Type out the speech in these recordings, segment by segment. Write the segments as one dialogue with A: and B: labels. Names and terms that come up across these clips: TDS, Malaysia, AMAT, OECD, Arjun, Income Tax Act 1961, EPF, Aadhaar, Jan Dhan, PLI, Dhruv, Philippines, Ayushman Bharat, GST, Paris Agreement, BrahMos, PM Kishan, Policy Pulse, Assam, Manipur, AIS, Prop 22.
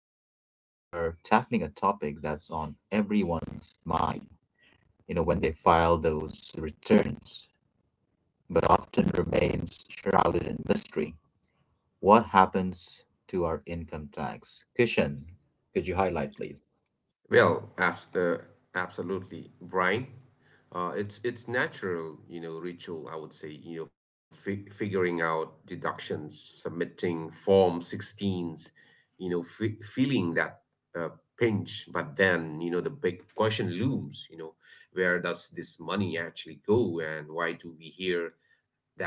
A: Kishan, today we are tackling a topic that's on everyone's mind, when they file those returns, but often remains shrouded in mystery. What happens to our income tax? Cushion. Could you highlight, please?
B: Well, absolutely, Brian. It's natural, you know, ritual, I would say, you know, fi figuring out deductions, submitting form 16s, you know, fe feeling that uh, pinch, but then, you know, the big question looms, you know, where does this money actually go? And why do we hear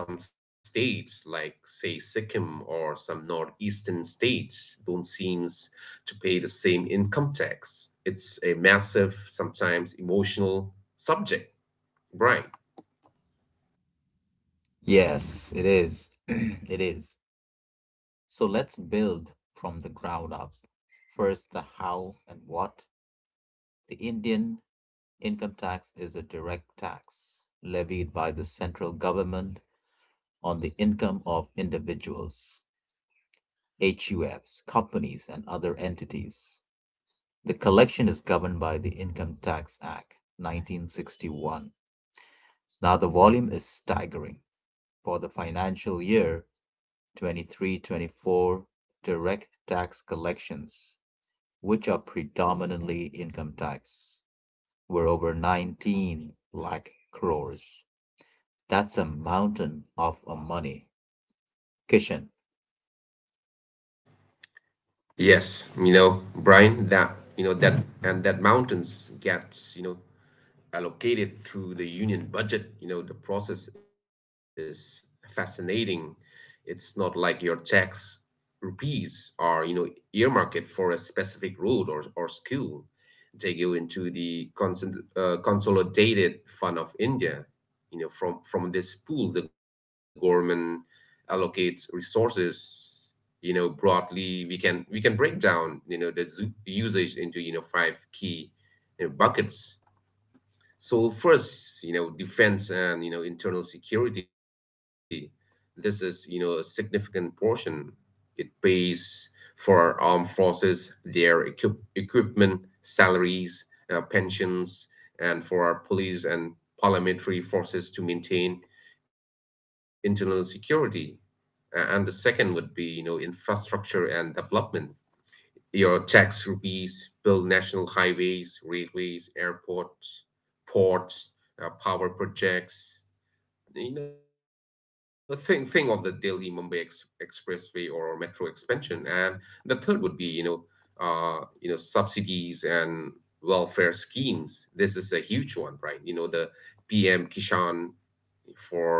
B: that some states, like say Sikkim or some northeastern states, don't seem to pay the same income tax? It's a massive, sometimes emotional subject, Brian.
A: Yes, it is. It is. So let's build from the ground up. First, the how and what. The Indian income tax is a direct tax levied by the central government on the income of individuals, HUFs, companies, and other entities. The collection is governed by the Income Tax Act 1961. Now, the volume is staggering. For the financial year twenty three twenty four direct tax collections, which are predominantly income tax, were over 19 lakh crores. That's a mountain of a money. Kishan.
B: Yes, you know, Brian, that you know that and that mountains gets, you know, allocated through the union budget. You know, the process is fascinating. It's not like your tax rupees are, you know, earmarked for a specific road, or school. They go into the consolidated fund of India. You know, from this pool, the government allocates resources. You know, broadly, we can break down, you know, the usage into, you know, five key, you know, buckets. So first, you know, defense and, you know, internal security. This is, you know, a significant portion. It pays for our armed forces, their equipment, salaries, pensions, and for our police and parliamentary forces to maintain internal security. And the second would be, you know, infrastructure and development. Your tax rupees build national highways, railways, airports, ports, power projects. You know, think of the Delhi Mumbai expressway or metro expansion. And the third would be, you know, subsidies and welfare schemes. This is a huge one, right? You know, the PM Kishan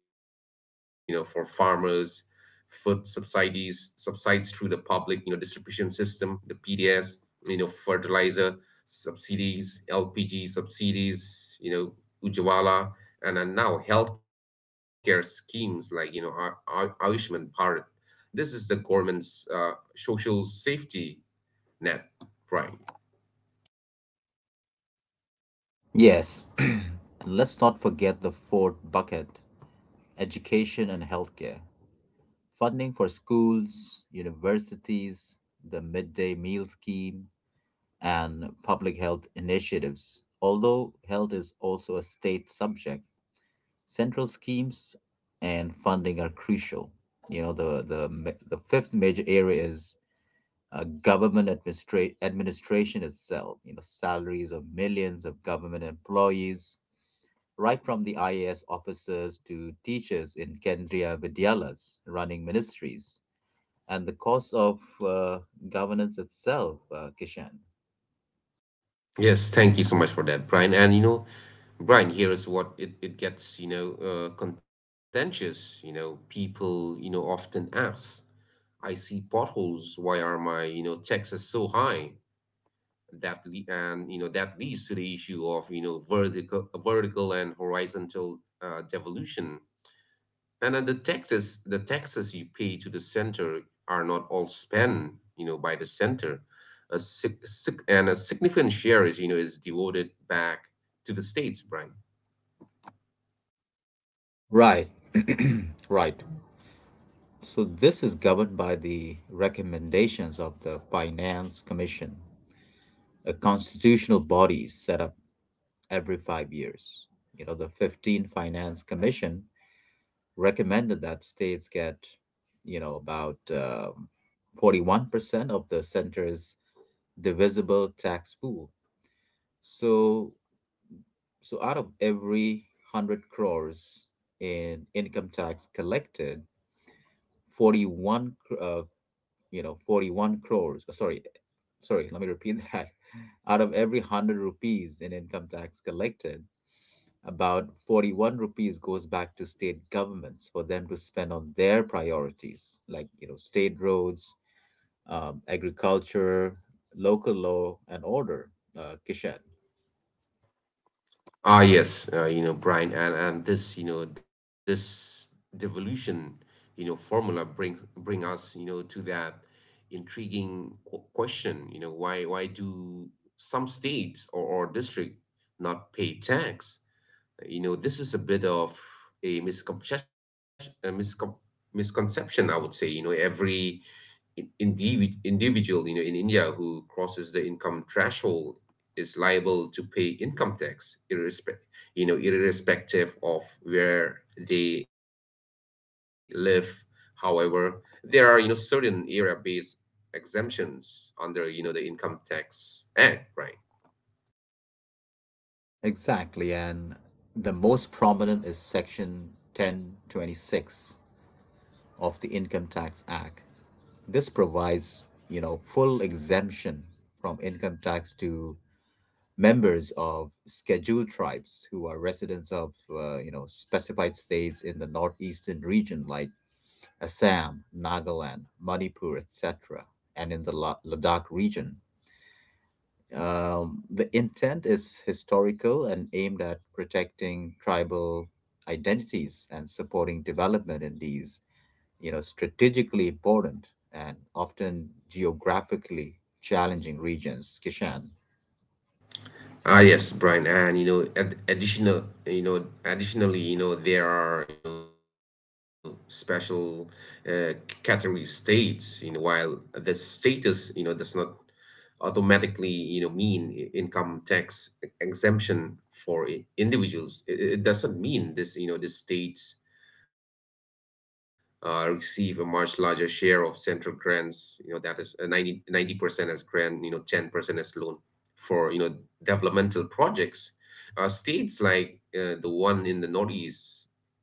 B: for, you know, for farmers, food subsidies subsides through the public, you know, distribution system, the pds, you know, fertilizer subsidies, lpg subsidies, you know, ujwala, and now healthcare schemes like, you know, ayushman bharat. This is the government's social safety net, Brian.
A: Yes. And let's not forget the fourth bucket, education and healthcare. Funding for schools, universities, the midday meal scheme, and public health initiatives. Although health is also a state subject, central schemes and funding are crucial. You know, the fifth major area is government administration itself. You know, salaries of millions of government employees, right from the IAS officers to teachers in Kendriya Vidyalas running ministries, and the cost of governance itself, Kishan.
B: Yes, thank you so much for that, Brian. And you know, Brian, here is what it gets, you know, contentious. You know, people, you know, often ask, I see potholes. Why are my, you know, taxes so high? And you know that leads to the issue of, you know, vertical and horizontal devolution. And then the taxes you pay to the center are not all spent, you know, by the center. A significant share is, you know, is devoted back to the states, Brian.
A: Right, right. So this is governed by the recommendations of the Finance Commission, a constitutional body set up every 5 years. You know, the 15th Finance Commission recommended that states get, about 41% of the center's divisible tax pool. So, so out of every 100 crores in income tax collected, 41 41 crores, sorry, sorry, let me repeat that. Out of every 100 rupees in income tax collected, about 41 rupees goes back to state governments for them to spend on their priorities like, you know, state roads, agriculture, local law and order, Kishan.
B: Ah, yes, you know, Brian, and this, you know, this devolution, you know, formula bring us, you know, to that intriguing qu question, you know, why do some states, or, district, not pay tax? You know, this is a bit of a misconception, a misconception, I would say. You know, every individual, you know, in India who crosses the income threshold is liable to pay income tax, you know, irrespective of where they live. However, there are, you know, certain area based exemptions under, you know, the income tax act, right?
A: Exactly, and the most prominent is section 10(26) of the income tax act. This provides, you know, full exemption from income tax to members of scheduled tribes who are residents of, you know, specified states in the northeastern region like Assam, Nagaland, Manipur, etc., and in the Ladakh region. The intent is historical and aimed at protecting tribal identities and supporting development in these, you know, strategically important and often geographically challenging regions. Kishan.
B: Ah, yes, Brian, and you know, additionally, you know, there are, you know, special uh, category states, you know, while the status, you know, does not automatically, you know, mean income tax exemption for individuals. It doesn't mean this. You know, the states receive a much larger share of central grants, you know, that is, 90 ninety percent as grant, you know, 10% as loan for, you know, developmental projects. States like, the one in the northeast,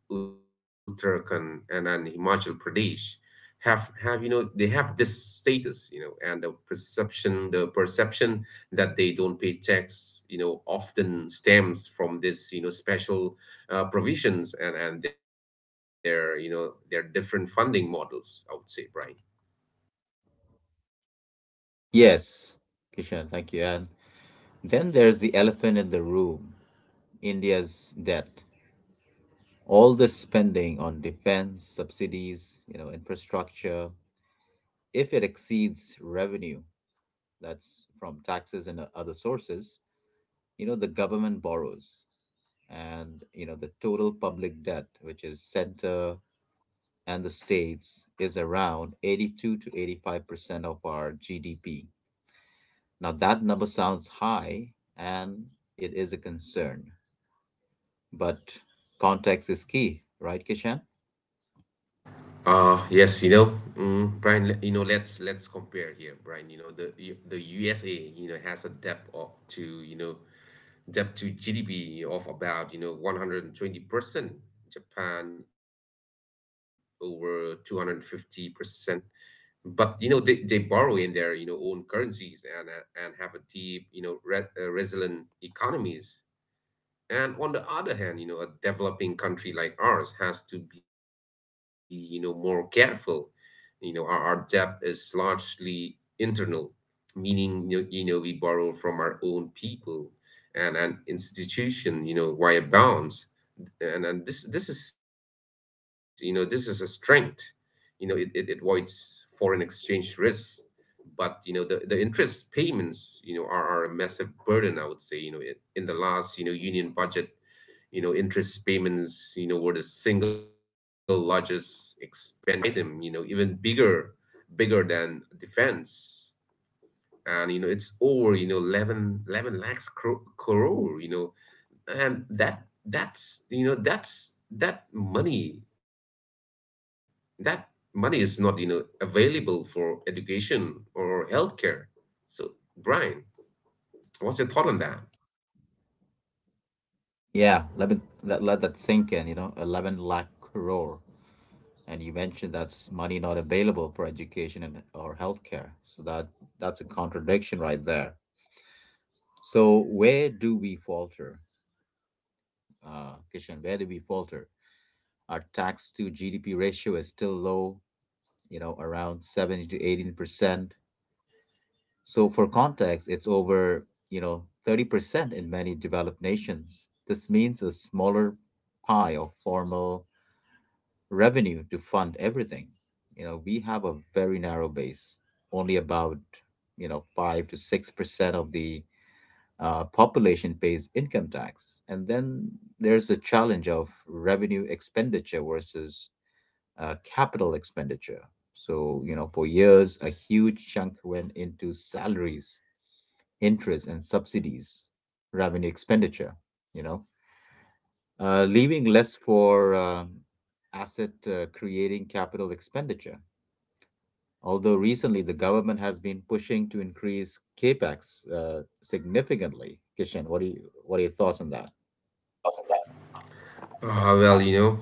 B: Uttarakhand, and Himachal Pradesh, have you know they have this status. You know, and the perception that they don't pay tax, you know, often stems from this, you know, special, provisions, and their, you know, their different funding models, I would say, Brian.
A: Yes, Kishan, thank you. And then there's the elephant in the room, India's debt. All the spending on defense, subsidies, you know, infrastructure, if it exceeds revenue, that's from taxes and other sources, you know, the government borrows. And, you know, the total public debt, which is center and the states, is around 82 to 85% of our GDP. Now, that number sounds high and it is a concern, but context is key, right, Kishan?
B: Yes, you know, mm, Brian, you know, let's compare here, Brian. You know, the USA, you know, has a debt of to, you know, debt to GDP of about, you know, 120%, Japan over 250%. But, you know, they borrow in their, you know, own currencies, and have a deep, you know, re resilient economies. And on the other hand, you know, a developing country like ours has to be, you know, more careful. You know, our debt is largely internal, meaning, you know, we borrow from our own people and an institution, you know, via bonds. And this is a strength. You know, it avoids foreign exchange risks. But, you know, the interest payments, you know, are a massive burden, I would say. You know, in the last, you know, union budget, you know, interest payments, you know, were the single largest expense item, you know, even bigger than defense. And you know it's over, you know, 11 lakhs crore, you know. And that that's you know that's that money is not, you know, available for education or healthcare. So, Brian, what's your thought on that?
A: Yeah, let me let that sink in, you know, 11 lakh crore. And you mentioned that's money not available for education and or healthcare. So that's a contradiction right there. So where do we falter, Kishan? Where do we falter? Our tax to GDP ratio is still low, you know, around 70 to 18%. So for context, it's over, you know, 30% in many developed nations. This means a smaller pie of formal revenue to fund everything. You know, we have a very narrow base. Only about, you know, 5 to 6% of the population pays income tax. And then there's the challenge of revenue expenditure versus capital expenditure. So, you know, for years, a huge chunk went into salaries, interest, and subsidies, revenue expenditure, you know, leaving less for asset creating capital expenditure. Although recently the government has been pushing to increase capex significantly. Kishan, what are your thoughts on that?
B: Well, you know,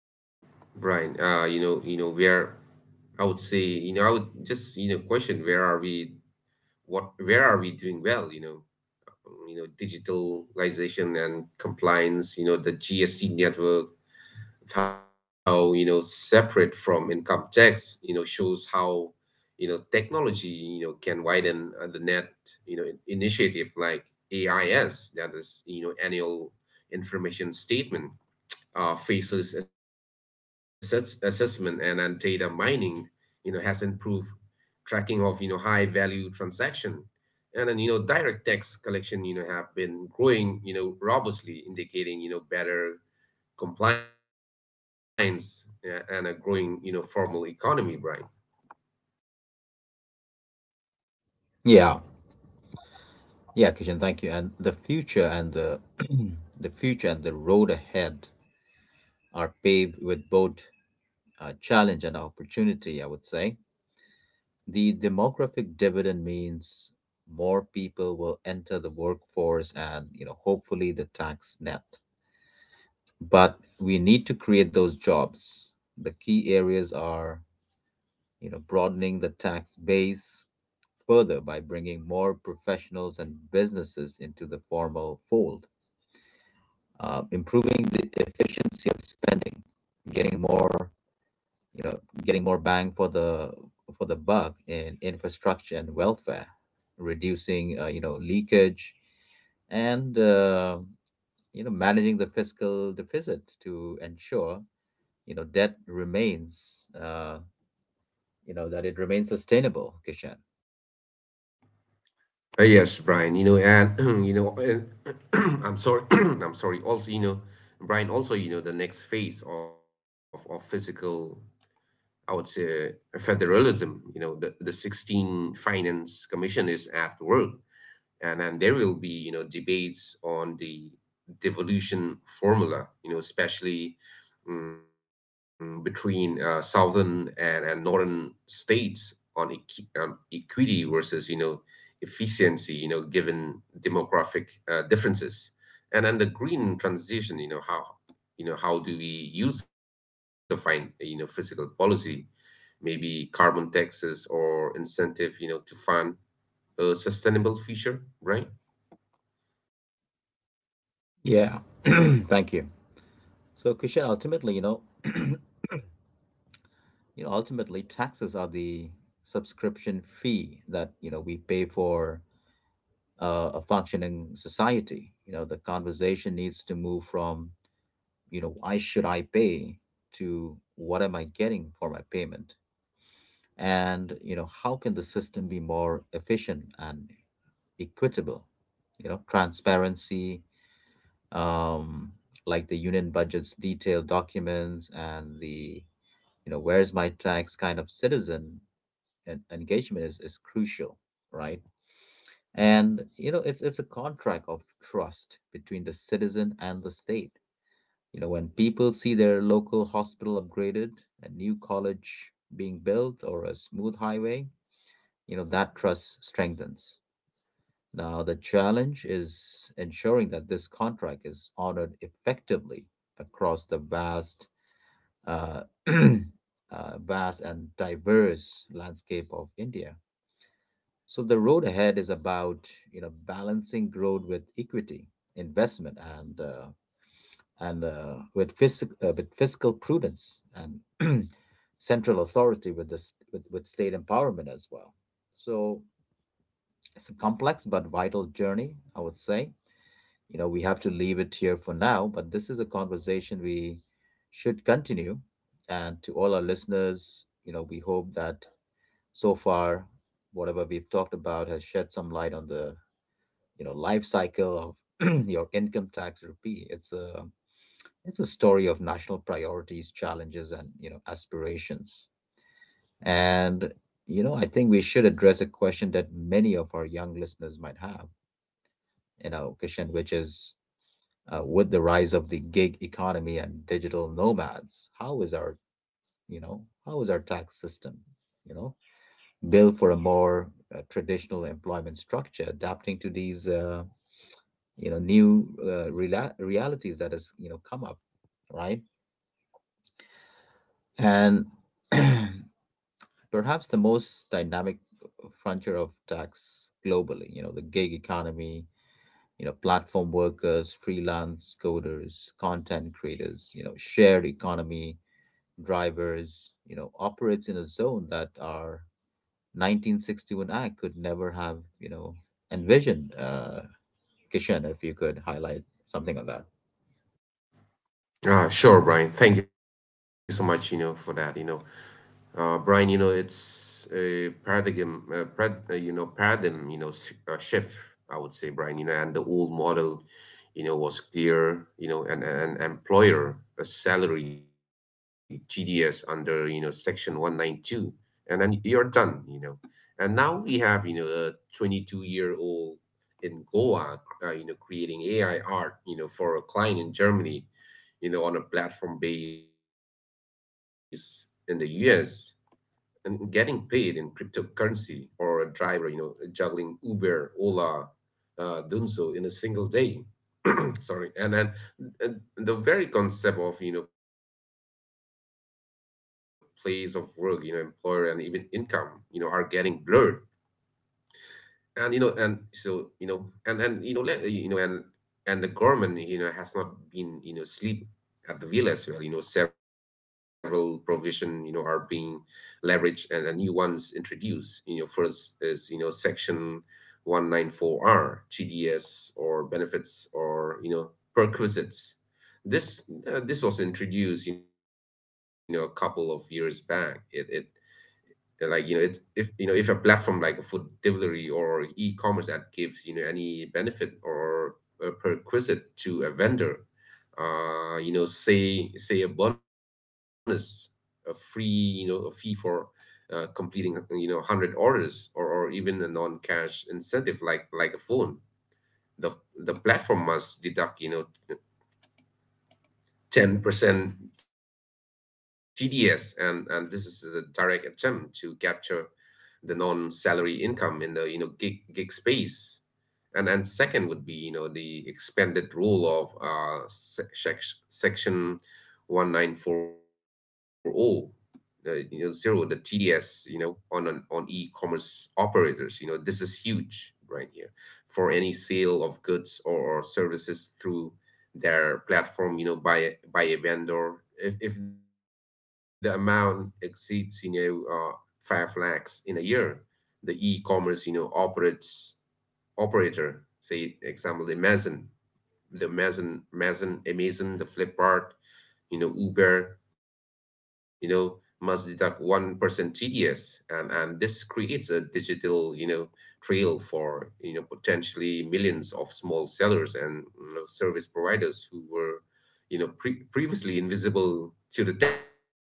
B: Brian, you know, you know, we are, I would say, you know, I would just, you know, question, where are we doing well, you know. You know, digitalization and compliance, you know, the GST network, how, you know, separate from income tax, you know, shows how, you know, technology, you know, can widen, the net. You know, initiative like AIS, that is, you know, annual information statement, faceless assessment, and data mining, you know, has improved tracking of, you know, high value transaction. And then, you know, direct tax collection, you know, have been growing, you know, robustly, indicating, you know, better compliance, and a growing, you know, formal economy, Brian.
A: Yeah, yeah, Kishan, thank you. And the future and the the future and the road ahead are paved with both challenge and opportunity. I would say the demographic dividend means more people will enter the workforce and, you know, hopefully the tax net, but we need to create those jobs. The key areas are, you know, broadening the tax base further by bringing more professionals and businesses into the formal fold, improving the efficiency of spending, getting more, you know, getting more bang for the buck in infrastructure and welfare, reducing, you know, leakage, and you know, managing the fiscal deficit to ensure, you know, debt remains, that it remains sustainable, Kishan.
B: Yes, Brian, you know, and, you know, and I'm sorry, I'm sorry. Also, you know, Brian, also, you know, the next phase of, physical, I would say, federalism. You know, the 16th finance commission is at work, and then there will be, you know, debates on the devolution formula. You know, especially, between, southern, and northern states on equity versus, you know, efficiency. You know, given demographic, differences. And then the green transition. You know, how do we use the fine, you know, physical policy, maybe carbon taxes or incentive, you know, to fund a sustainable future, right?
A: Yeah, thank you. So, Kishan, ultimately, ultimately, taxes are the subscription fee that, you know, we pay for a functioning society. You know, the conversation needs to move from, you know, why should I pay to what am I getting for my payment, and, you know, how can the system be more efficient and equitable. You know, transparency, um, like the union budget's detailed documents and the, you know, where's my tax kind of citizen and engagement is crucial, right? And, you know, it's a contract of trust between the citizen and the state. You know, when people see their local hospital upgraded, a new college being built, or a smooth highway, you know, that trust strengthens. Now the challenge is ensuring that this contract is honored effectively across the vast vast and diverse landscape of India. So the road ahead is about, you know, balancing growth with equity, investment, and with fiscal prudence and central authority with this with state empowerment as well. So it's a complex but vital journey, I would say. You know, we have to leave it here for now, but this is a conversation we should continue. And to all our listeners, you know, we hope that so far, whatever we've talked about has shed some light on the, you know, life cycle of your income tax rupee. It's a story of national priorities, challenges, and, you know, aspirations. And, you know, I think we should address a question that many of our young listeners might have, you know, Kishan, which is, with the rise of the gig economy and digital nomads, how is our tax system, you know, built for a more traditional employment structure, adapting to these, you know, new realities that has, you know, come up, right? And perhaps the most dynamic frontier of tax globally, you know, the gig economy, you know, platform workers, freelance coders, content creators, you know, shared economy, drivers, you know, operates in a zone that our 1961 Act could never have, you know, envisioned. Kishan, if you could highlight something on that.
B: Ah, sure, Brian. Thank you so much, you know, for that, you know. Brian, you know, it's a paradigm, parad, you know, paradigm, you know, s- shift, I would say, Brian. You know, and the old model, you know, was clear, you know, and an employer, a salary, TDS under, you know, section 192, and then you're done, you know. And now we have, you know, a 22-year-old in Goa, you know, creating AI art, you know, for a client in Germany, you know, on a platform base in the US, and getting paid in cryptocurrency. Or a driver, you know, juggling Uber, Ola, Dunzo in a single day. Sorry. And the very concept of, you know, place of work, you know, employer, and even income, you know, are getting blurred. And you know and so you know and you know, let you know, and the government, you know, has not been, you know, asleep at the wheel as well. You know, several provision, you know, are being leveraged, and new ones introduced. You know, first is, you know, section 194r, gds or benefits, or, you know, perquisites. This this was introduced, you know, a couple of years back. It Like, you know, it, if, you know, if a platform, like a food delivery or e-commerce, that gives, you know, any benefit or, prerequisite to a vendor, you know, say a bonus, a free, you know, a fee for, completing, you know, 100 orders, or, even a non-cash incentive like, a phone, the platform must deduct, you know, 10% tds. And this is a direct attempt to capture the non-salary income in the, you know, gig space. And second would be, you know, the expanded role of, section 1940, you know, zero, the TDS, you know, on, an on e-commerce operators. You know, this is huge, right here. For any sale of goods or, services through their platform, you know, by a vendor, if the amount exceeds, you know, 5 lakhs in a year, the e-commerce, you know, operates operator. Say example Amazon, the Flipkart, Uber, must deduct 1% TDS, and this creates a digital, trail for potentially millions of small sellers and service providers who were, previously invisible to the taxman, Brian.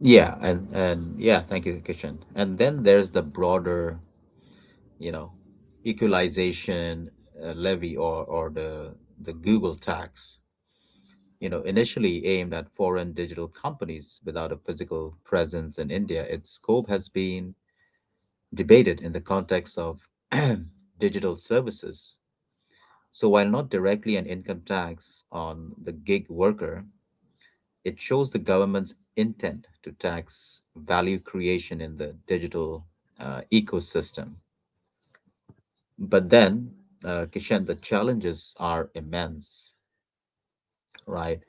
A: Yeah, and yeah, thank you, Kishan. And then there's the broader, you know, equalization levy, or the Google tax, you know, initially aimed at foreign digital companies without a physical presence in India, its scope has been debated in the context of digital services. So while not directly an income tax on the gig worker, it shows the government's intent to tax value creation in the digital ecosystem. But then, Kishan, the challenges are immense, right?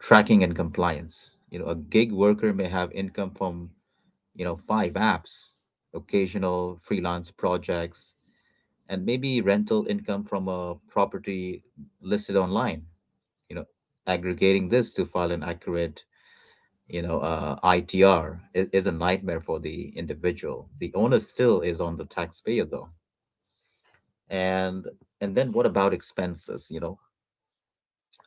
A: Tracking and compliance. You know, a gig worker may have income from, you know, five apps, occasional freelance projects, and maybe rental income from a property listed online. You know, aggregating this to file an accurate, ITR is a nightmare for the individual. The onus still is on the taxpayer, though. And and then what about expenses? You know,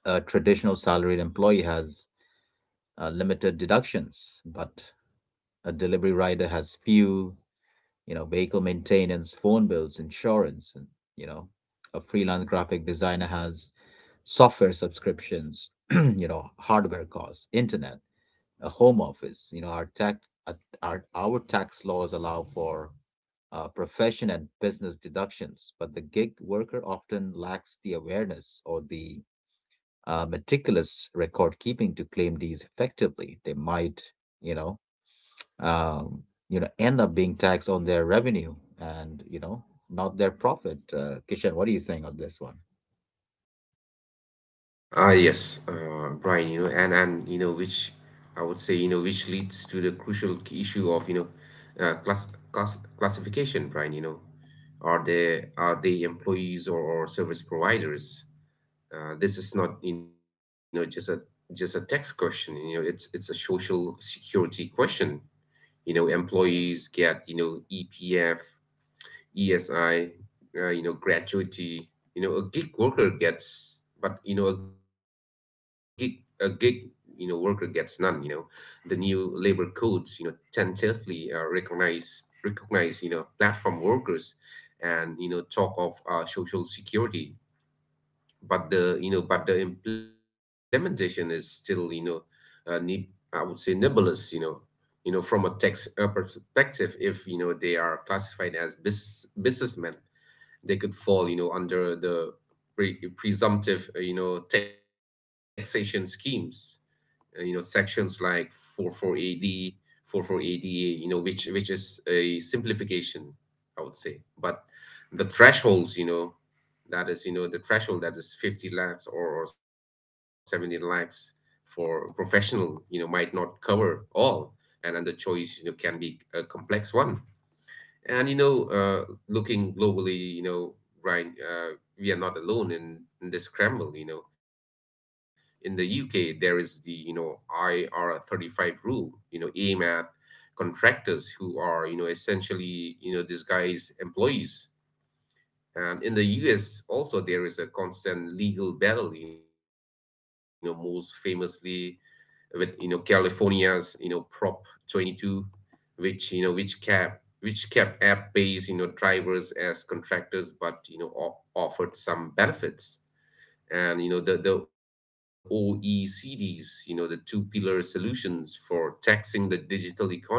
A: a traditional salaried employee has limited deductions, but a delivery rider has few, you know, vehicle maintenance, phone bills, insurance, and, you know, a freelance graphic designer has software subscriptions, you know, hardware costs, internet, a home office, you know, our tax laws allow for profession and business deductions, but the gig worker often lacks the awareness or the meticulous record keeping to claim these effectively. They might, you know, um, end up being taxed on their revenue and, you know, not their profit. Kishan, what do you think on this one?
B: Yes, Brian, which I would say, which leads to the crucial key issue of, uh, class class classification, Brian. Are they employees, or service providers? This is not, just a tax question. It's a social security question. Employees get, EPF, ESI, gratuity. A gig worker gets, but a gig worker gets none. The new labor codes, tentatively recognize platform workers, and talk of social security, but the implementation is still, uh, ne- I would say, nebulous. From a tax perspective, if they are classified as businessmen, they could fall under the presumptive taxation schemes, sections like 44AD, 44ADA, which is a simplification, I would say. But the thresholds, you know, that is, you know, the threshold that is 50 lakhs or 70 lakhs for professional, might not cover all. And the choice, can be a complex one. And you know, uh, Looking globally, Ryan, we are not alone in this scramble. In the UK, there is the IR35 rule. AMAT contractors, who are essentially disguised employees. And in the US, also, there is a constant legal battle. Most famously with California's Prop 22, which kept app pays drivers as contractors, but offered some benefits. And the OECD's, the two pillar solutions for taxing the digital economy, is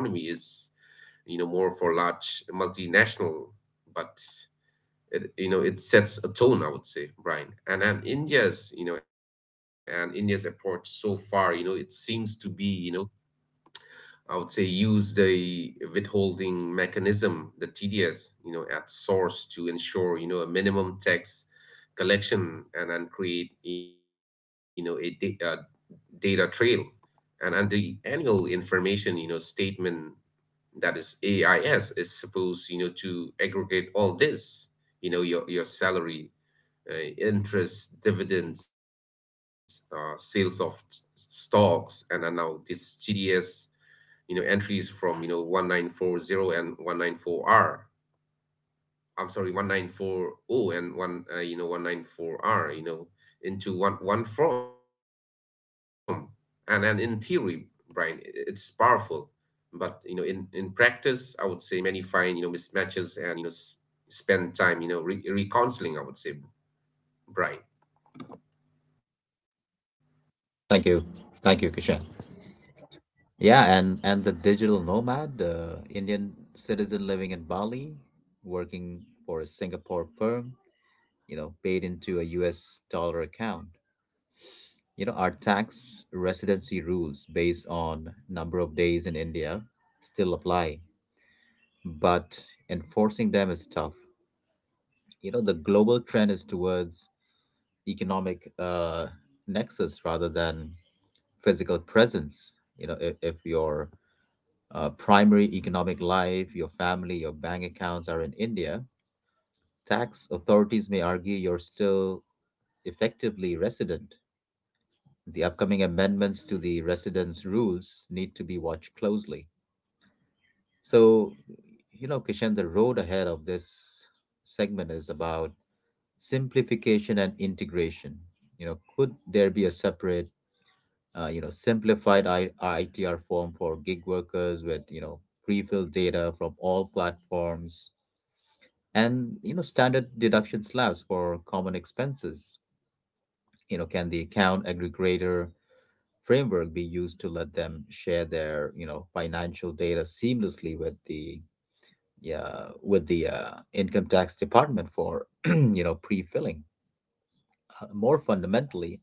B: more for large multinational, but it, you know it sets a tone, I would say, Brian. And India's approach so far, it seems to be, you know I would say, use the withholding mechanism, the TDS, at source, to ensure a minimum tax collection, and then create a data trail, and the annual information statement, that is AIS, is supposed to aggregate all this: your salary, interest, dividends, sales of stocks, and now this GDS, entries from, 1940 and 194R. I'm sorry, 1940 and one, 194R, into one form. And in theory, Brian, it's powerful. But, in practice, I would say many find, mismatches, and, spend time, reconciling, I would say, Brian.
A: Thank you, thank you, Kishan. Yeah, and the digital nomad, Indian citizen living in Bali, working for a Singapore firm, you know, paid into a U.S. dollar account. You know, our tax residency rules based on number of days in India still apply, but enforcing them is tough. You know, the global trend is towards economic nexus rather than physical presence. If your primary economic life, your family, your bank accounts are in India, tax authorities may argue you're still effectively resident. The upcoming amendments to the residence rules need to be watched closely. So, Kishan, the road ahead of this segment is about simplification and integration. You know, could there be a separate, simplified ITR form for gig workers with, you know, pre-filled data from all platforms, and, you know, standard deduction slabs for common expenses? You know, can the account aggregator framework be used to let them share their, you know, financial data seamlessly with the income tax department for you know pre-filling. More fundamentally,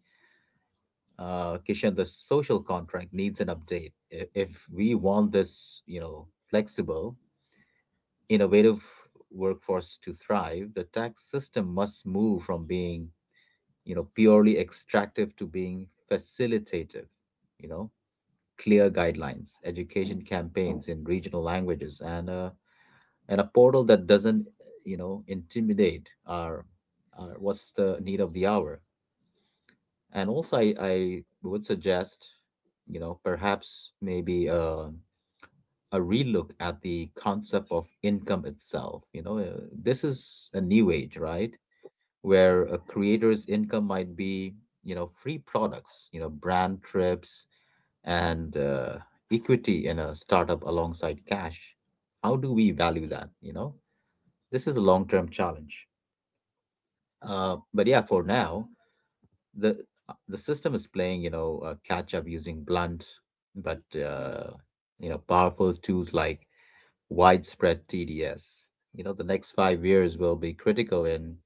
A: Kishan, the social contract needs an update if we want this, you know, flexible, innovative workforce to thrive. The tax system must move from being, you know, purely extractive to being facilitative. You know, clear guidelines, education campaigns in regional languages, and a portal that doesn't, you know, intimidate our, what's the need of the hour. And also I would suggest, you know, perhaps maybe a relook at the concept of income itself. You know, this is a new age, right, where a creator's income might be, you know, free products, you know, brand trips, and equity in a startup alongside cash. How do we value that, you know? This is a long-term challenge. But yeah, for now, the the system is playing, you know, catch up using blunt but you know powerful tools like widespread TDS. You know, the next 5 years will be critical in,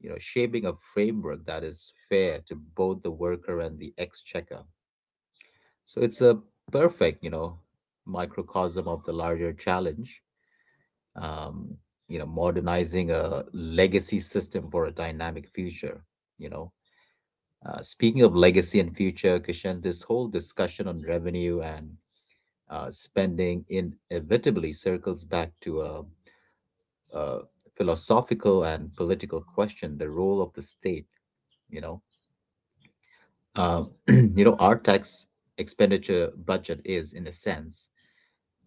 A: you know, shaping a framework that is fair to both the worker and the exchequer. So it's a perfect, you know, microcosm of the larger challenge. Um, you know, modernizing a legacy system for a dynamic future. You know. Speaking of legacy and future, Kishan, this whole discussion on revenue and spending inevitably circles back to a philosophical and political question: the role of the state. You know, you know, our tax expenditure budget is, in a sense,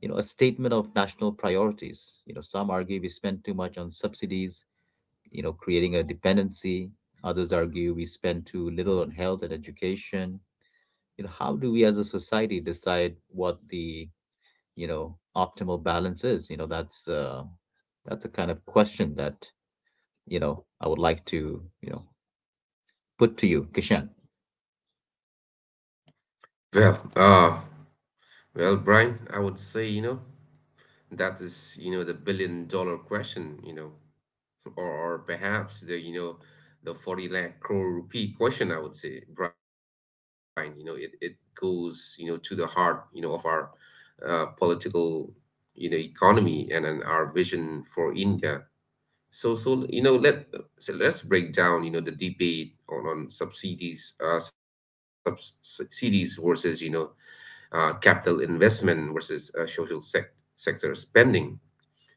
A: you know, a statement of national priorities. You know, some argue we spend too much on subsidies. You know, creating a dependency. Others argue we spend too little on health and education. You know, how do we as a society decide what the, you know, optimal balance is? You know, that's a kind of question that, you know, I would like to, you know, put to you, Kishan.
B: Well, uh, Well, Brian, I would say, that is, the billion dollar question. Or perhaps, the 40 lakh crore rupee question, I would say, Brian. It goes, to the heart, of our political, economy, and our vision for India. So, so, you know, let, so let's break down, the debate on subsidies versus, capital investment, versus sector spending.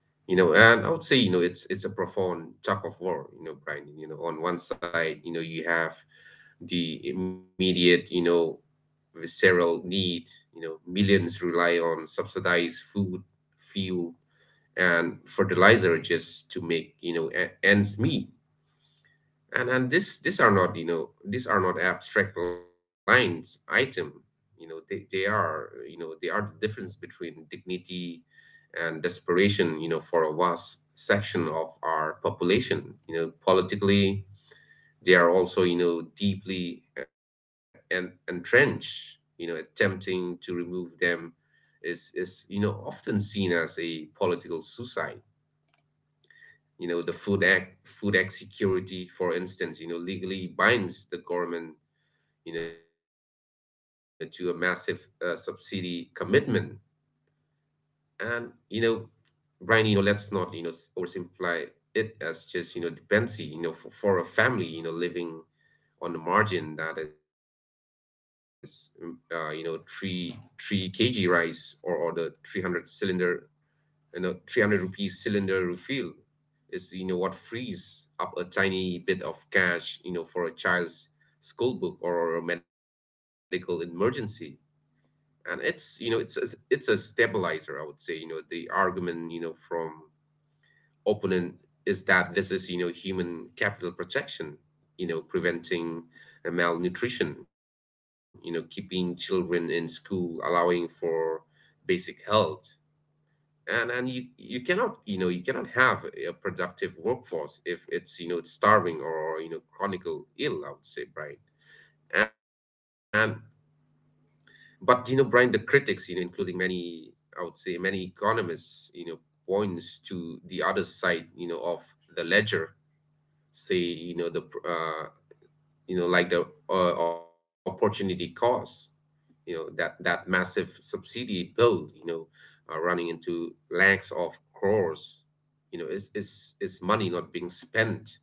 B: You know, and I would say, it's a profound tug of war, Brian. On one side, you have the immediate, visceral need. Millions rely on subsidized food, fuel, and fertilizer just to make ends meet. And this these are not, these are not, abstract lines item. They are, they are the difference between dignity and desperation, for a vast section of our population. Politically, they are also, deeply and entrenched. Attempting to remove them, is often seen as a political suicide. The food act security, for instance, legally binds the government, to a massive subsidy commitment. And Brian, let's not, oversimplify it as just dependency. For a family, living on the margin, that is, three kg rice, or the 300 cylinder, 300 rupees cylinder refill, is what frees up a tiny bit of cash, for a child's school book, or a medical emergency. And it's you know it's it's, it's a stabilizer, I would say. The argument, from opponent, is that this is, human capital protection, preventing malnutrition, keeping children in school, allowing for basic health. And you cannot, you cannot have a productive workforce if it's, it's starving, or chronical ill, I would say, Brian. And But, Brian, the critics, including many, I would say, many economists, points to the other side, of the ledger. Say, you know the pr- you know like the opportunity cost, that massive subsidy bill, running into lakhs of crores, is money not being spent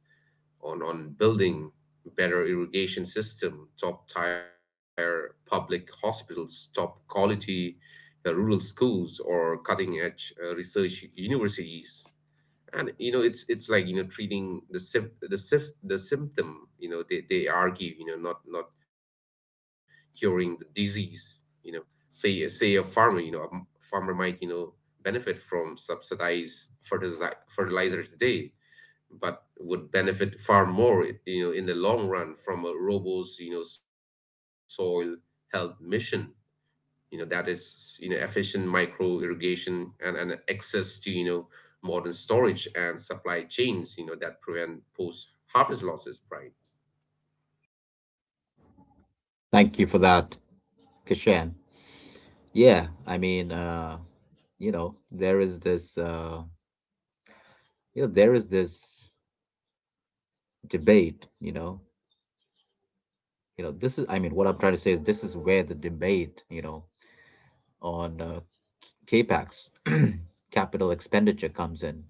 B: on building better irrigation system, top tier public hospitals, top quality rural schools, or cutting edge research universities. And it's like, treating the symptom, they argue, not curing the disease. You know say say a farmer, farmer might, benefit from subsidized fertilizer today, but would benefit far more, in the long run, from a robo's, soil health mission, that is, efficient micro irrigation, and access to, modern storage and supply chains, that prevent post harvest losses, right?
A: Thank you for that, Kishan. Yeah, I mean, you know, there is this. You know there is this debate, you know. You know this is I mean What I'm trying to say is this is where the debate, you know, on capex capital expenditure comes in.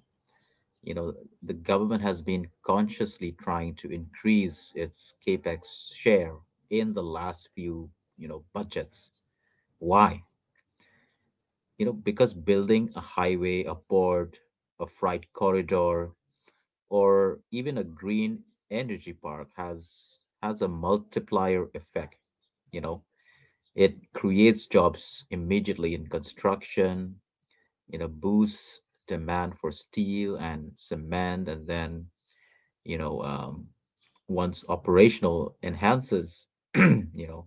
A: You know, the government has been consciously trying to increase its capex share in the last few, you know, budgets. Why? You know, because building a highway, a port, a freight corridor, or even a green energy park has a multiplier effect. You know, it creates jobs immediately in construction, you know, boosts demand for steel and cement, and then, you know, once operational, enhances you know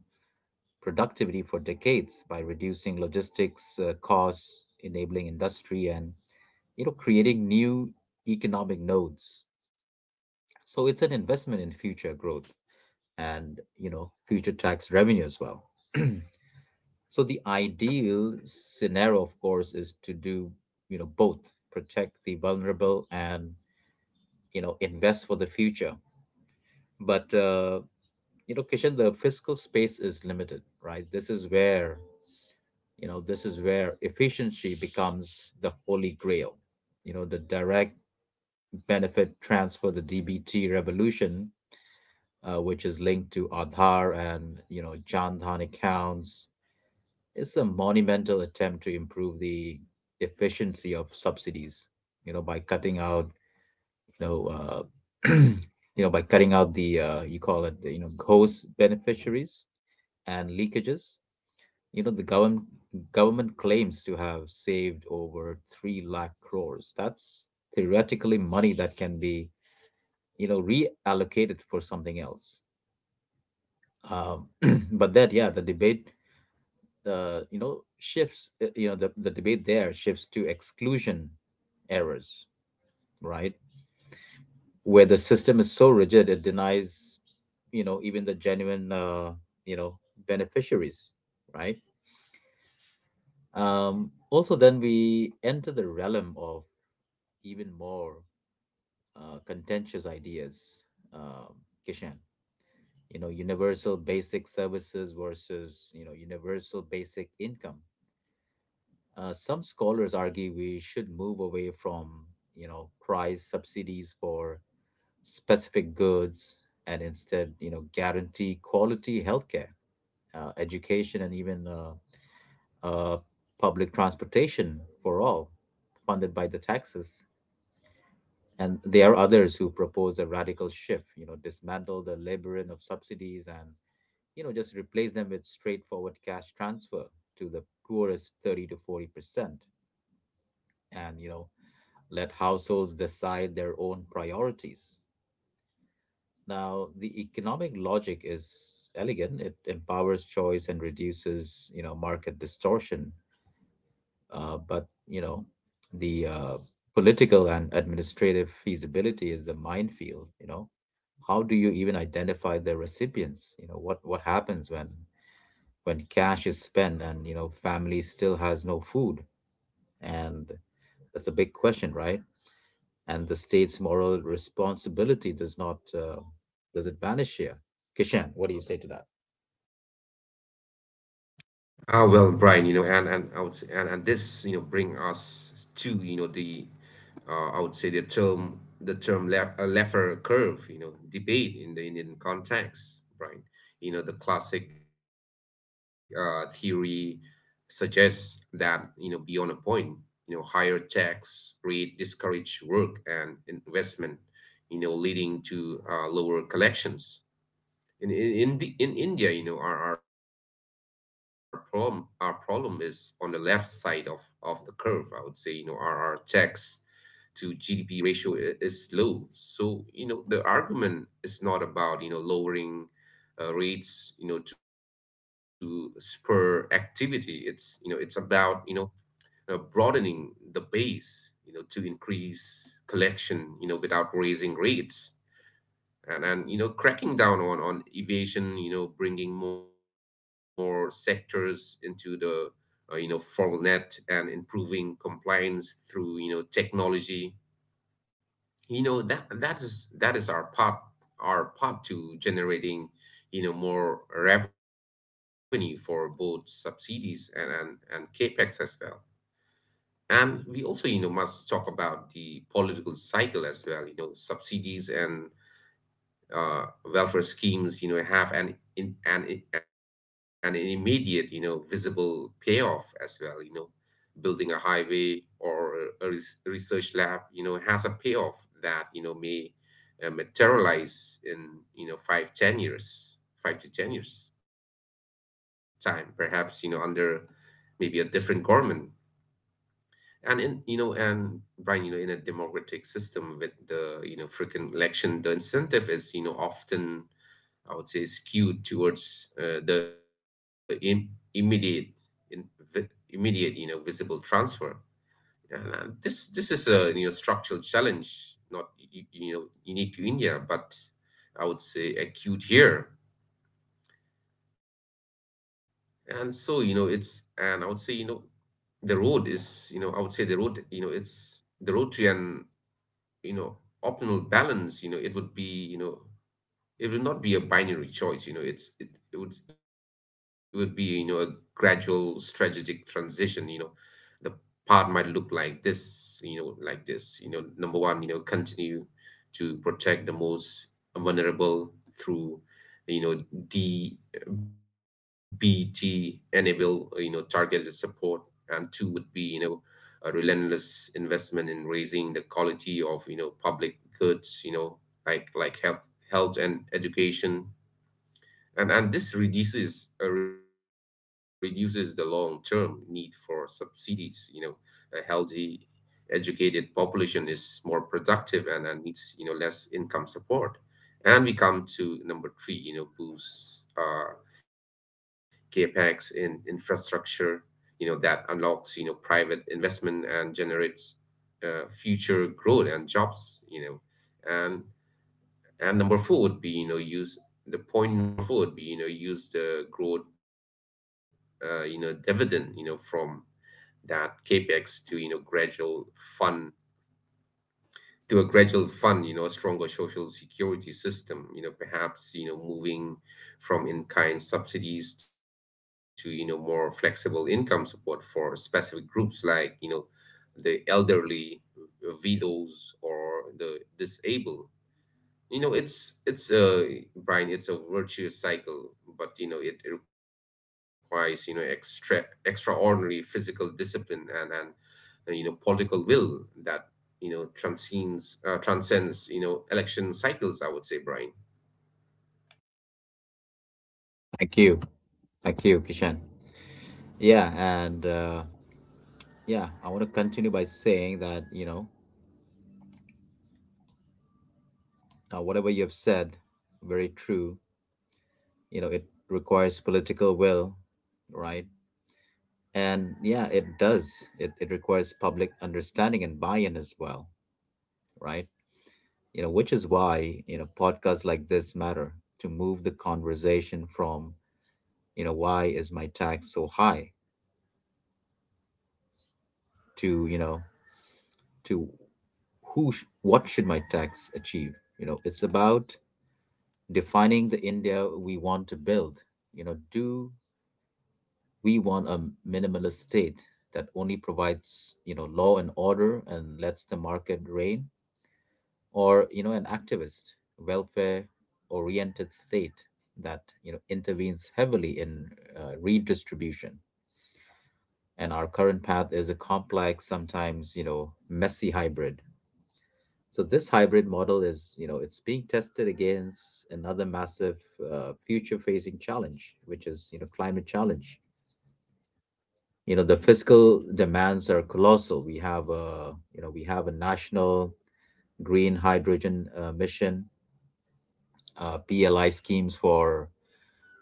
A: productivity for decades by reducing logistics costs, enabling industry, and, you know, creating new economic nodes. So it's an investment in future growth and, you know, future tax revenue as well. So the ideal scenario, of course, is to do, you know, both: protect the vulnerable and, you know, invest for the future. But, you know, Kishan, the fiscal space is limited, right? This is where, efficiency becomes the holy grail. You know, the direct benefit transfer, the DBT revolution, which is linked to Aadhaar and, you know, Jan Dhan accounts. It's a monumental attempt to improve the efficiency of subsidies, you know, by cutting out, you know, uh, you know, by cutting out the you call it, you know, ghost beneficiaries and leakages. You know, the government claims to have saved over three lakh crores. That's theoretically money that can be, you know, reallocated for something else. um, but that, yeah, the debate, you know, shifts, you know, the debate there shifts to exclusion errors, right, where the system is so rigid it denies, you know, even the genuine, you know, beneficiaries, right. Also then we enter the realm of even more contentious ideas, Kishan. You know, universal basic services versus, you know, universal basic income. Some scholars argue we should move away from, you know, price subsidies for specific goods and instead, you know, guarantee quality healthcare, education, and even uh, public transportation for all, funded by the taxes. And there are others who propose a radical shift, you know, dismantle the labyrinth of subsidies and, you know, just replace them with straightforward cash transfer to the poorest 30 to 40%. And, you know, let households decide their own priorities. Now, the economic logic is elegant. It empowers choice and reduces, you know, market distortion. But you know, the political and administrative feasibility is a minefield. You know, how do you even identify the recipients? You know, what happens when cash is spent and, you know, family still has no food? And that's a big question, right? And the state's moral responsibility does not, does it vanish here, Kishan? What do you say to that?
B: Well, Brian, you know, and I would say, and this, bring us to, I would say, the term Le Laffer curve, debate in the Indian context, Brian. The classic theory suggests that, beyond a point, higher tax rate discourage work and investment, leading to lower collections in India. Our problem is on the left side of the curve. I would say, our tax to GDP ratio, is low. So, the argument is not about, lowering rates, to spur activity. It's about, broadening the base, to increase collection, without raising rates. And cracking down on evasion, bringing more sectors into the formal net, and improving compliance through technology. That is our part, to generating more revenue, for both subsidies and capex as well. And we also, must talk about the political cycle as well. Subsidies and welfare schemes, have an in, an an immediate, visible payoff as well. Building a highway, or a research lab, has a payoff that may materialize in, 5 to 10 years time, perhaps, under maybe a different government. And Brian, in a democratic system with the, frequent election, the incentive is often, I would say, skewed towards, the in- immediate, visible transfer. Yeah. And this is a, structural challenge, not unique to India, but I would say acute here. And so, you know it's and I would say, you know the road is you know I would say, the road to an, you know optimal balance. It would be it would not be a binary choice. It would be a gradual strategic transition. The path might look like this: number one, continue to protect the most vulnerable through you know DBT enable targeted support. And two would be a relentless investment in raising the quality of public goods, like health and education. And this reduces reduces the long term need for subsidies. A healthy, educated population is more productive and needs less income support. And we come to number three. Boost capex in infrastructure. That unlocks private investment and generates future growth and jobs. And and number four would be you know use the point number four would be use the growth dividend from that capex fund to a gradual fund, a stronger social security system, perhaps moving from in-kind subsidies to more flexible income support for specific groups like the elderly, widows, or the disabled. It's a virtuous cycle, but it requires extraordinary physical discipline and political will that transcends transcends election cycles, I would say, Brian.
A: Thank you thank you Kishan. Yeah, and yeah, I want to continue by saying that, you know, whatever you have said, very true. You know, it requires political will, right? And yeah, it does. It requires public understanding and buy-in as well, right? You know, which is why, you know, podcasts like this matter, to move the conversation from, you know, why is my tax so high to, you know, to what should my tax achieve. You know, it's about defining the India we want to build. You know, do we want a minimalist state that only provides, you know, law and order and lets the market reign, or, you know, an activist, welfare oriented state that, you know, intervenes heavily in redistribution? And our current path is a complex, sometimes, you know, messy hybrid. So this hybrid model is, you know, it's being tested against another massive future-facing challenge, which is, you know, climate challenge. You know, the fiscal demands are colossal. We have a, you know, we have a national green hydrogen mission, PLI schemes for,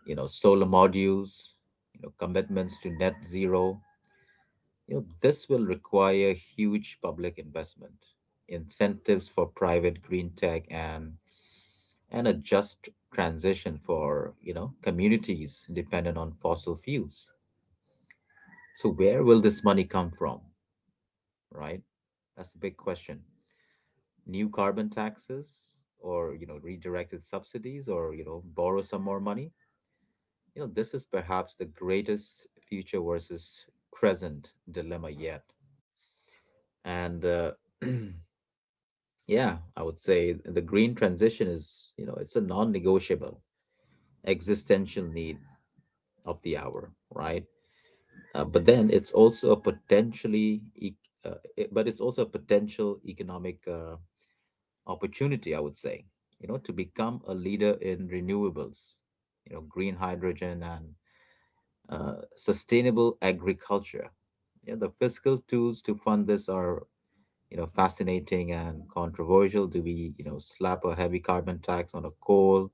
A: you know, solar modules, you know, commitments to net zero. You know, this will require huge public investment, incentives for private green tech, and a just transition for, you know, communities dependent on fossil fuels. So where will this money come from, right? That's a big question. New carbon taxes, or, you know, redirected subsidies, or, you know, borrow some more money. You know, this is perhaps the greatest future versus present dilemma yet, and yeah, I would say the green transition is, you know, it's a non-negotiable existential need of the hour, right? But then it's also a potentially, e- it- but it's also a potential economic opportunity, I would say, you know, to become a leader in renewables, you know, green hydrogen, and sustainable agriculture. Yeah, the fiscal tools to fund this are, you know, fascinating and controversial. Do we, you know, slap a heavy carbon tax on a coal,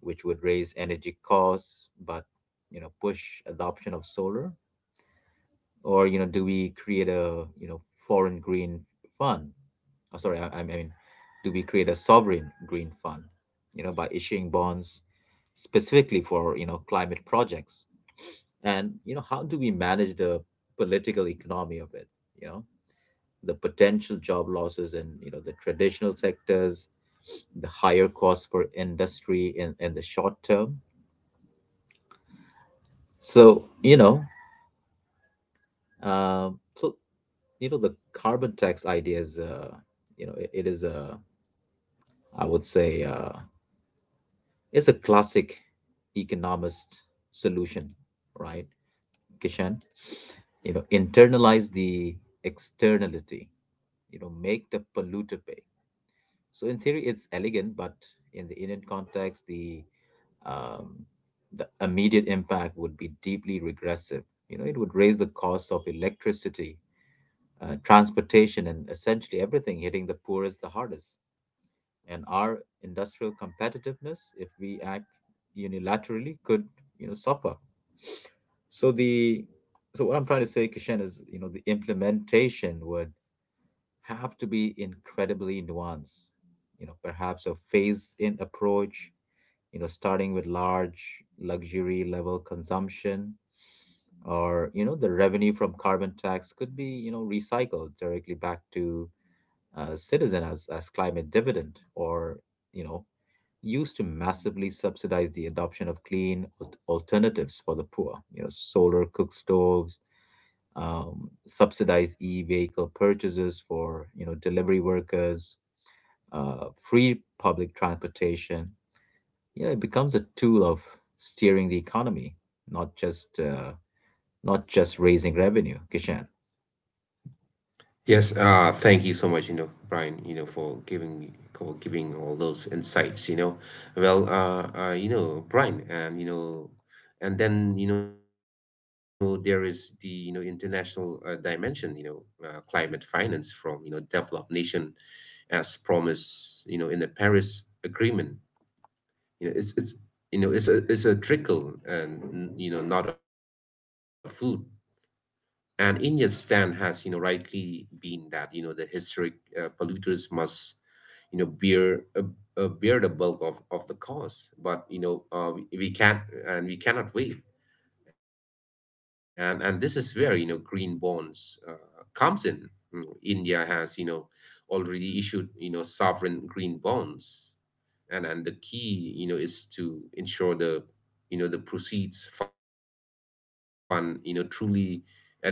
A: which would raise energy costs, but, you know, push adoption of solar? Or, you know, do we create a, you know, foreign green fund? Oh, sorry, I mean, do we create a sovereign green fund, you know, by issuing bonds specifically for, you know, climate projects? And, you know, how do we manage the political economy of it? You know, the potential job losses in, you know, the traditional sectors, the higher costs for industry in the short term. So, you know, so you know the carbon tax idea is, you know, it is a, I would say, it's a classic economist solution, right, Kishan? You know, internalize the externality, you know, make the polluter pay. So in theory it's elegant, but in the Indian context, um, the immediate impact would be deeply regressive. You know, it would raise the cost of electricity, transportation, and essentially everything, hitting the poorest the hardest. And our industrial competitiveness, if we act unilaterally, could, you know, suffer. So the so what I'm trying to say, Kishan, is, you know, the implementation would have to be incredibly nuanced. You know, perhaps a phased-in approach, you know, starting with large luxury level consumption, or, you know, the revenue from carbon tax could be, you know, recycled directly back to citizen as climate dividend, or, you know, used to massively subsidize the adoption of clean alternatives for the poor, you know, solar cook stoves, subsidized e-vehicle purchases for, you know, delivery workers, free public transportation, yeah, it becomes a tool of steering the economy, not just not just raising revenue, Kishan.
B: Yes, thank you so much, Brian, for giving all those insights. Well, Brian, and then there is the international dimension, climate finance from developed nation, as promised, in the Paris Agreement. You know, it's you know it's a trickle and you know not a food. And India's stand has, rightly been that, the historic polluters must, you know, bear uh, bear the bulk of the cost. But we can't and we cannot wait. And this is where green bonds comes in. India has, already issued, sovereign green bonds. And the key, is to ensure the proceeds fund, truly additional,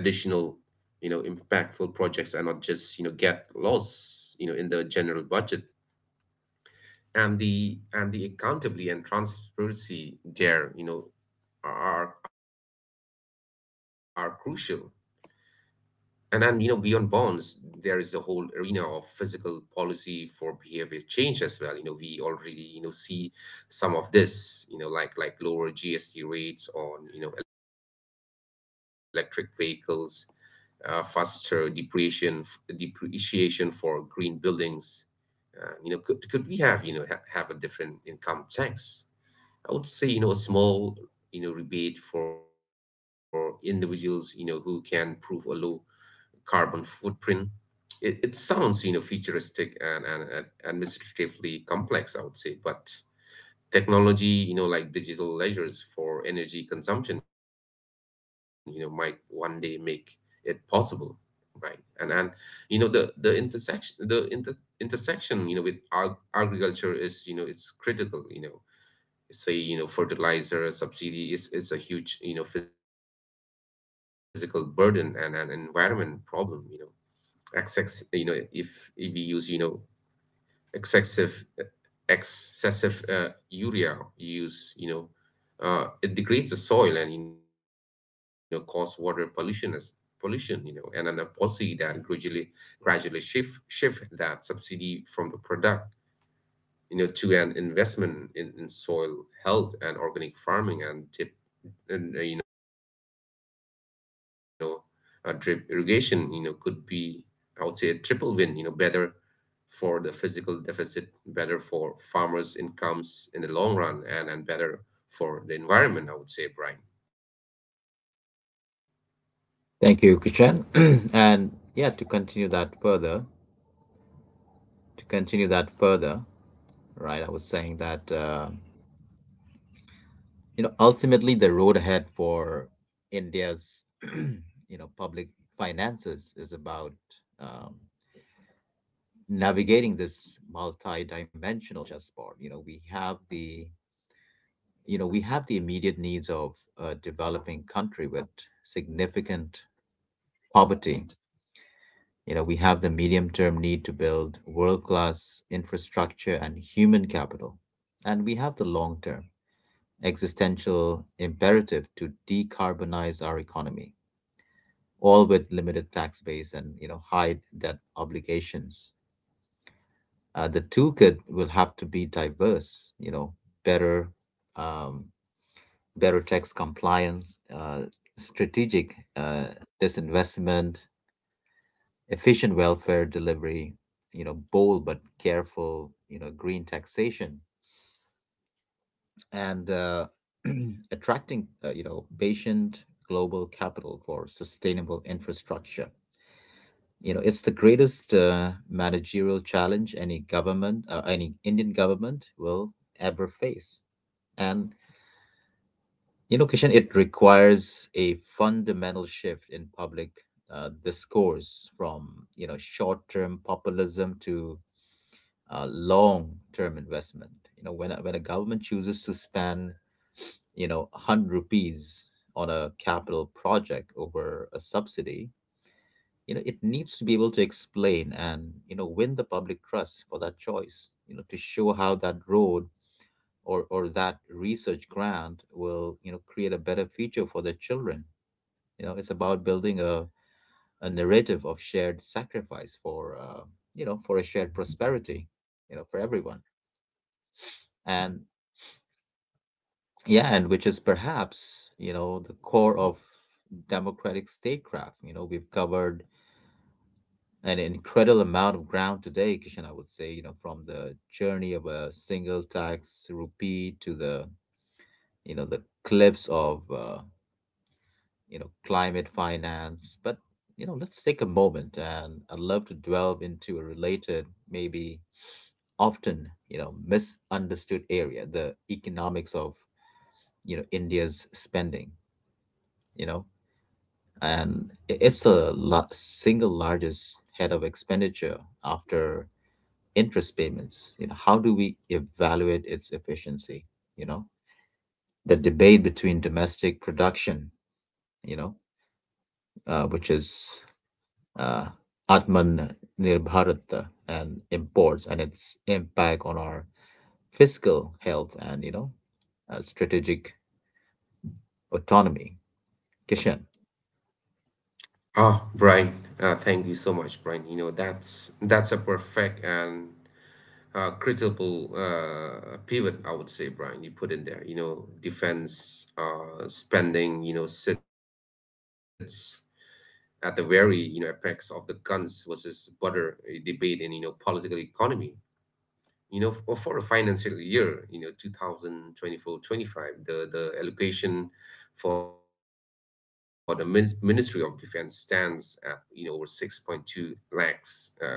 B: impactful projects and not just get lost in the general budget, and the accountability and transparency there are crucial. And then, beyond bonds, there is a whole arena of physical policy for behavior change as well. We already see some of this, like lower GST rates on electric vehicles, faster depreciation for green buildings. Could we have have a different income tax? I would say, a small, rebate for individuals who can prove a low carbon footprint. It sounds futuristic, and administratively complex, I would say. But technology, like digital ledgers for energy consumption, might one day make it possible, right? And and you know the the intersection intersection with agriculture is, it's critical. Say fertilizer subsidy is a huge, physical burden and an environment problem. You know excess you know if if we use excessive excessive urea use, it degrades the soil and, cause water pollution as pollution and then a policy that gradually shift shift that subsidy from the product, to an investment in soil health and organic farming, and, drip irrigation, could be, I would say, a triple win, better for the physical deficit, better for farmers incomes in the long run, and better for the environment, I would say, Brian.
A: Thank you, Kishan. And yeah, to continue that further, to continue that further, right? I was saying that. You know, ultimately the road ahead for india's you know public finances is about, um, navigating this multi-dimensional chessboard. You know we have the immediate needs of a developing country with significant poverty. You know, we have the medium term need to build world class infrastructure and human capital, and we have the long term existential imperative to decarbonize our economy, all with limited tax base and you know high debt obligations. The toolkit will have to be diverse, you know, better, um, better tax compliance, strategic disinvestment, efficient welfare delivery, you know, bold but careful, you know, green taxation, and attracting, you know, patient global capital for sustainable infrastructure. You know, it's the greatest managerial challenge any government, any Indian government will ever face. And, you know, Kishan, it requires a fundamental shift in public discourse from, you know, short-term populism to long-term investment. You know, when a government chooses to spend, you know, 100 rupees on a capital project over a subsidy, you know it needs to be able to explain and you know win the public trust for that choice, you know, to show how that road or that research grant will you know create a better future for the children. You know, it's about building a narrative of shared sacrifice for you know for a shared prosperity, you know, for everyone. And yeah, and which is perhaps you know the core of democratic statecraft. You know, we've covered an incredible amount of ground today, Kishan, I would say, you know, from the journey of a single tax rupee to the, you know, the cliffs of, you know, climate finance. But, you know, let's take a moment and I'd love to delve into a related, maybe often, you know, misunderstood area, the economics of, you know, India's spending, you know, and it's the single largest head of expenditure after interest payments. You know, how do we evaluate its efficiency? You know, the debate between domestic production, you know, which is uh, atman nirbharata, and imports, and its impact on our fiscal health and you know strategic autonomy, Kishan.
B: Ah, Brian, thank you so much, Brian. You know, that's a perfect and critical pivot, I would say, Brian, you put in there. You know, defense spending, you know, sits at the very, you know, apex of the guns versus butter debate in, you know, political economy. For a financial year, you know, 2024, 25, the allocation for the Ministry of Defense stands at, you know, over 6.2 lakhs, lakhs crore.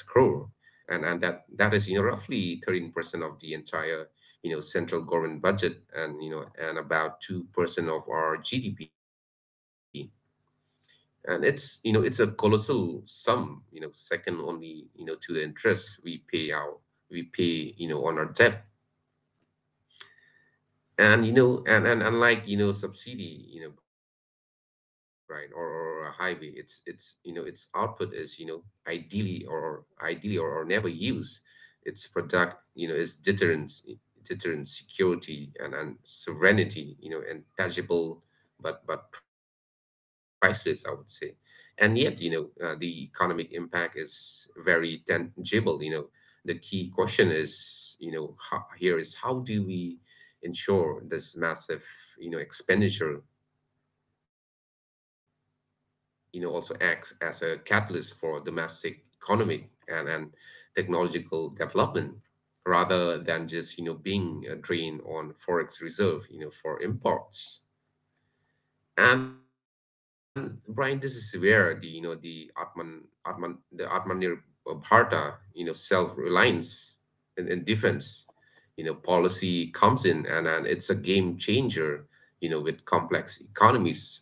B: And that, that is, you know, roughly 13% of the entire, you know, central government budget and, you know, and about 2% of our GDP. And it's a colossal sum, second only, to the interest we pay on our debt. And unlike, subsidy, Brian, or a highway, it's, its output is, ideally or never used. Its product, is deterrence, security, and serenity, and tangible, but priceless, I would say. And yet, the economic impact is very tangible. The key question is, how, here is how do we ensure this massive, expenditure, also acts as a catalyst for domestic economic and technological development, rather than just, being a drain on forex reserve, for imports. And Brian, this is where the Atmanir Bharta, self-reliance and defense, policy comes in, and it's a game changer, with complex economies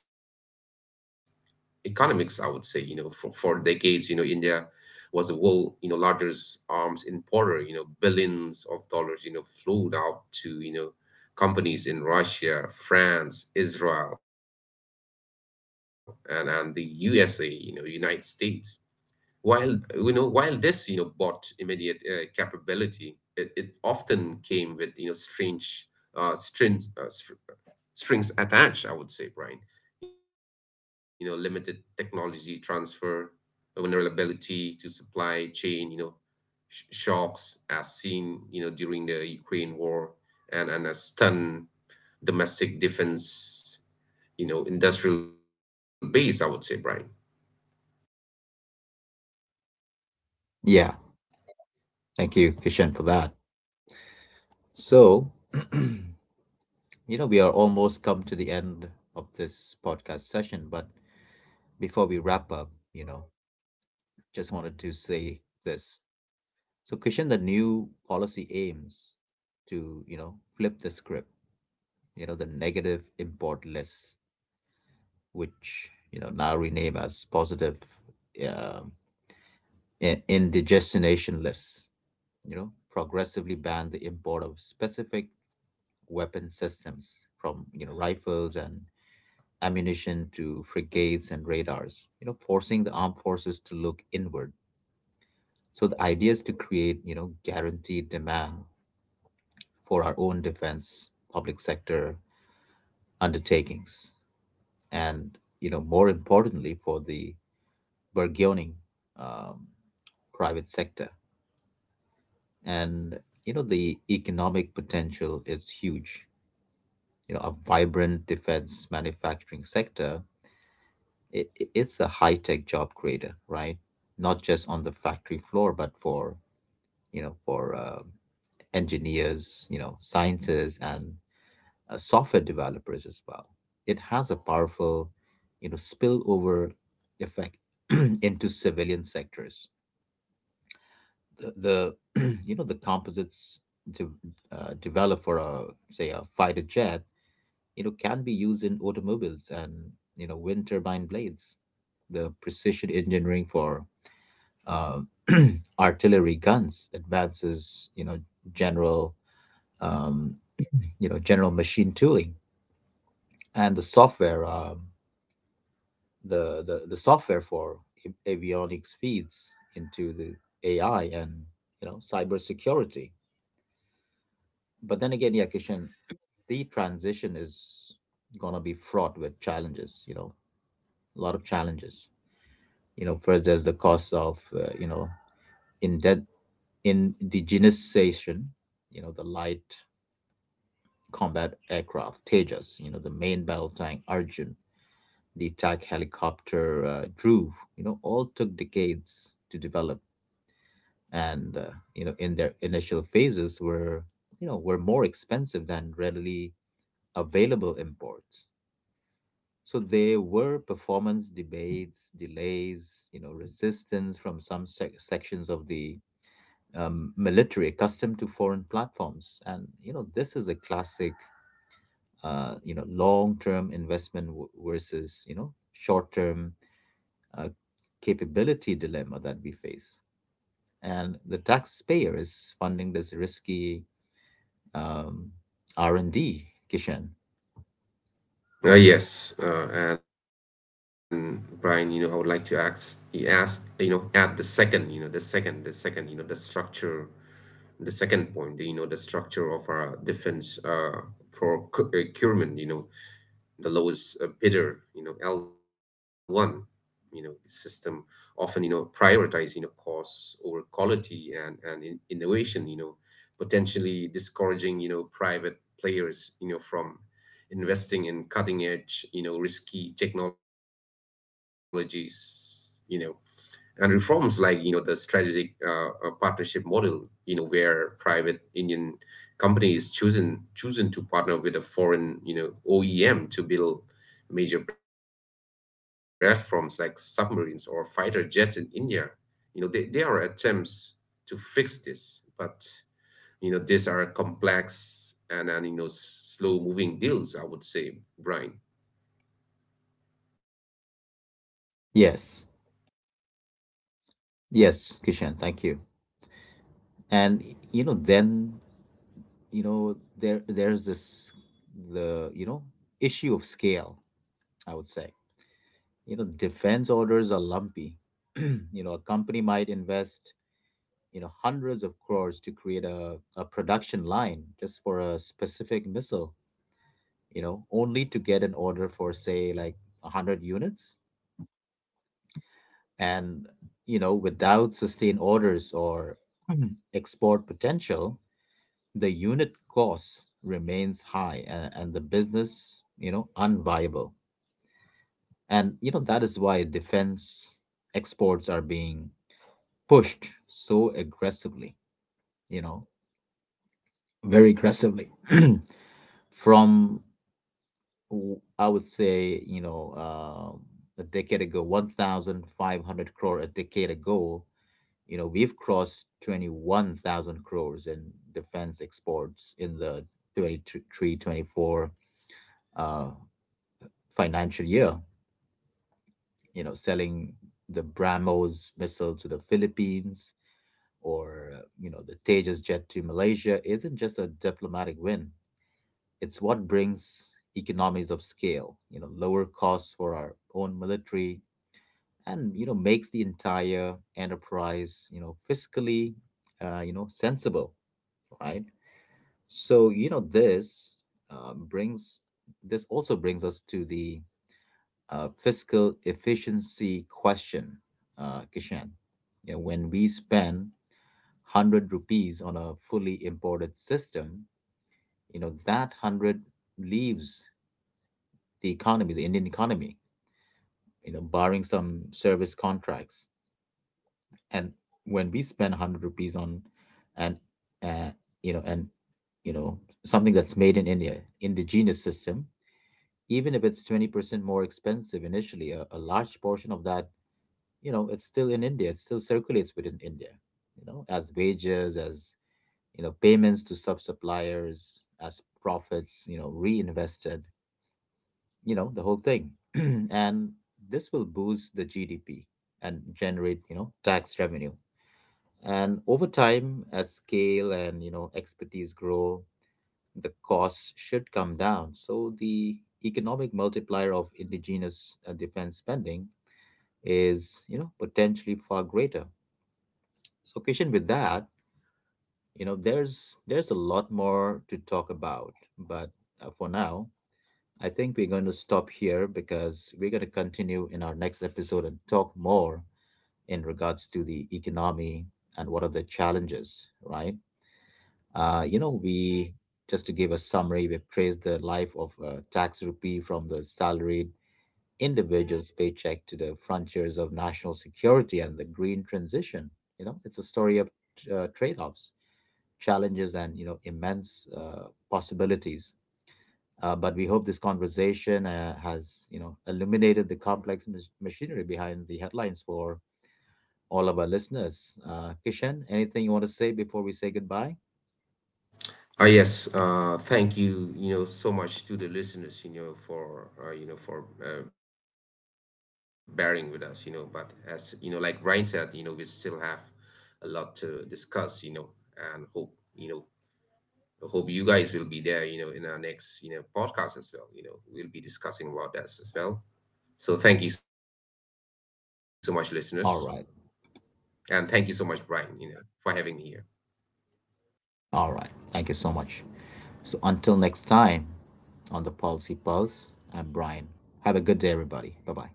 B: economics, I would say. You know, for decades, India was a world, largest arms importer. Billions of dollars, flowed out to, companies in Russia, France, Israel, and the USA, you know, United States. while, while this, bought immediate capability, it often came with, uh, string, uh, strings attached, I would say, Brian. You know, limited technology transfer, a vulnerability to supply chain, shocks as seen, during the Ukraine war, and a stun domestic defense, industrial base, I would say, Brian.
A: Yeah, thank you, Kishan, for that. So, you know, we are almost come to the end of this podcast session, but before we wrap up, you know, just wanted to say this. So, Kishan, the new policy aims to, you know, flip the script. You know, the negative import list, which, you know, now rename as positive, um in indigestionation lists, you know, progressively ban the import of specific weapon systems, from you know rifles and ammunition to frigates and radars, you know, forcing the armed forces to look inward. So the idea is to create you know guaranteed demand for our own defense public sector undertakings, and you know more importantly for the burgeoning, um, private sector. And you know the economic potential is huge. You know, a vibrant defense manufacturing sector, it's a high tech job creator, right? Not just on the factory floor, but for you know for engineers, you know, scientists, and software developers as well. It has a powerful, you know, spillover effect into civilian sectors. The you know the composites de- developed for a say a fighter jet, you know, can be used in automobiles and you know wind turbine blades. The precision engineering for uh, artillery guns, advances, general, um, you know, general machine tooling, and the software, the software for avionics feeds into the AI and you know cybersecurity. But then again, yeah, Kishan, the transition is gonna be fraught with challenges. You know, a lot of challenges. You know, first there's the cost of you know indent indigenization. You know, the light combat aircraft, Tejas, you know, the main battle tank Arjun, the attack helicopter Dhruv, you know, all took decades to develop, and you know, in their initial phases were you know were more expensive than readily available imports. So there were performance debates, delays, you know, resistance from some sections of the military accustomed to foreign platforms, and you know, this is a classic you know long-term investment versus you know short-term uh, capability dilemma that we face, and the taxpayer is funding this risky, um, r&d, Kishan.
B: Yes, and Brian, I would like to add the second, you know, the second, you know, the structure the second point, the structure of our defense procurement. The lowest bidder, L1, system often, prioritize, costs over quality and innovation, potentially discouraging, private players, from investing in cutting edge, risky technologies. And reforms like, the strategic partnership model, where private Indian companies chosen to partner with a foreign, OEM to build major platforms like submarines or fighter jets in India, they are attempts to fix this. but, these are complex, and slow moving deals, I would say, Brian.
A: Yes, yes, Kishan, thank you. And you know, then you know there's this the you know issue of scale, I would say. You know defense orders are lumpy. You know a company might invest you know hundreds of crores to create a production line just for a specific missile, you know, only to get an order for say like 100 units. And you know without sustained orders or export potential, the unit cost remains high, and the business you know unviable. And you know that is why defense exports are being pushed so aggressively, you know, very aggressively, from I would say you know, um a decade ago 1500 crore a decade ago. You know we've crossed 21,000 crores in defense exports in the 23-24 uh, financial year, you know, selling the BrahMos missile to the Philippines, or, you know, the Tejas jet to Malaysia, isn't just a diplomatic win. It's what brings economies of scale, you know, lower costs for our own military, and, you know, makes the entire enterprise, you know, fiscally, you know, sensible, right? So, you know, this, brings, this also brings us to the fiscal efficiency question, Kishan. You know, when we spend 100 rupees on a fully imported system, you know, that 100 leaves the economy, the Indian economy, you know, barring some service contracts. And when we spend 100 rupees on an, uh, you know, and, you know, something that's made in India, indigenous system, even if it's 20% more expensive initially, a large portion of that you know it's still in india. It still circulates within india, you know, as wages, as you know payments to sub suppliers, as profits you know reinvested, you know, the whole thing. And this will boost the gdp and generate you know tax revenue, and over time as scale and you know expertise grow, the costs should come down. So the economic multiplier of indigenous defense spending is you know potentially far greater. So, Kishan, with that, you know, there's a lot more to talk about, but for now, I think we're going to stop here because we're going to continue in our next episode and talk more in regards to the economy and what are the challenges, right? You know, we, just to give a summary, we praised the life of a tax rupee from the salaried individual's paycheck to the frontiers of national security and the green transition. You know, it's a story of trade-offs, challenges, and you know immense possibilities. But we hope this conversation has you know illuminated the complex machinery behind the headlines for all of our listeners. Kishan, anything you want to say before we say goodbye?
B: Yes, thank you, so much to the listeners, you know for bearing with us. You know. But as you know, like Brian said, we still have a lot to discuss, and you know hope you guys will be there, in our next, podcast as well. You know, we'll be discussing about that as well. So thank you so much, listeners,
A: All right,
B: and thank you so much, Brian, for having me here.
A: all right. Thank you so much. So until next time on the Policy Pulse, I'm Brian. Have a good day, everybody. Bye bye.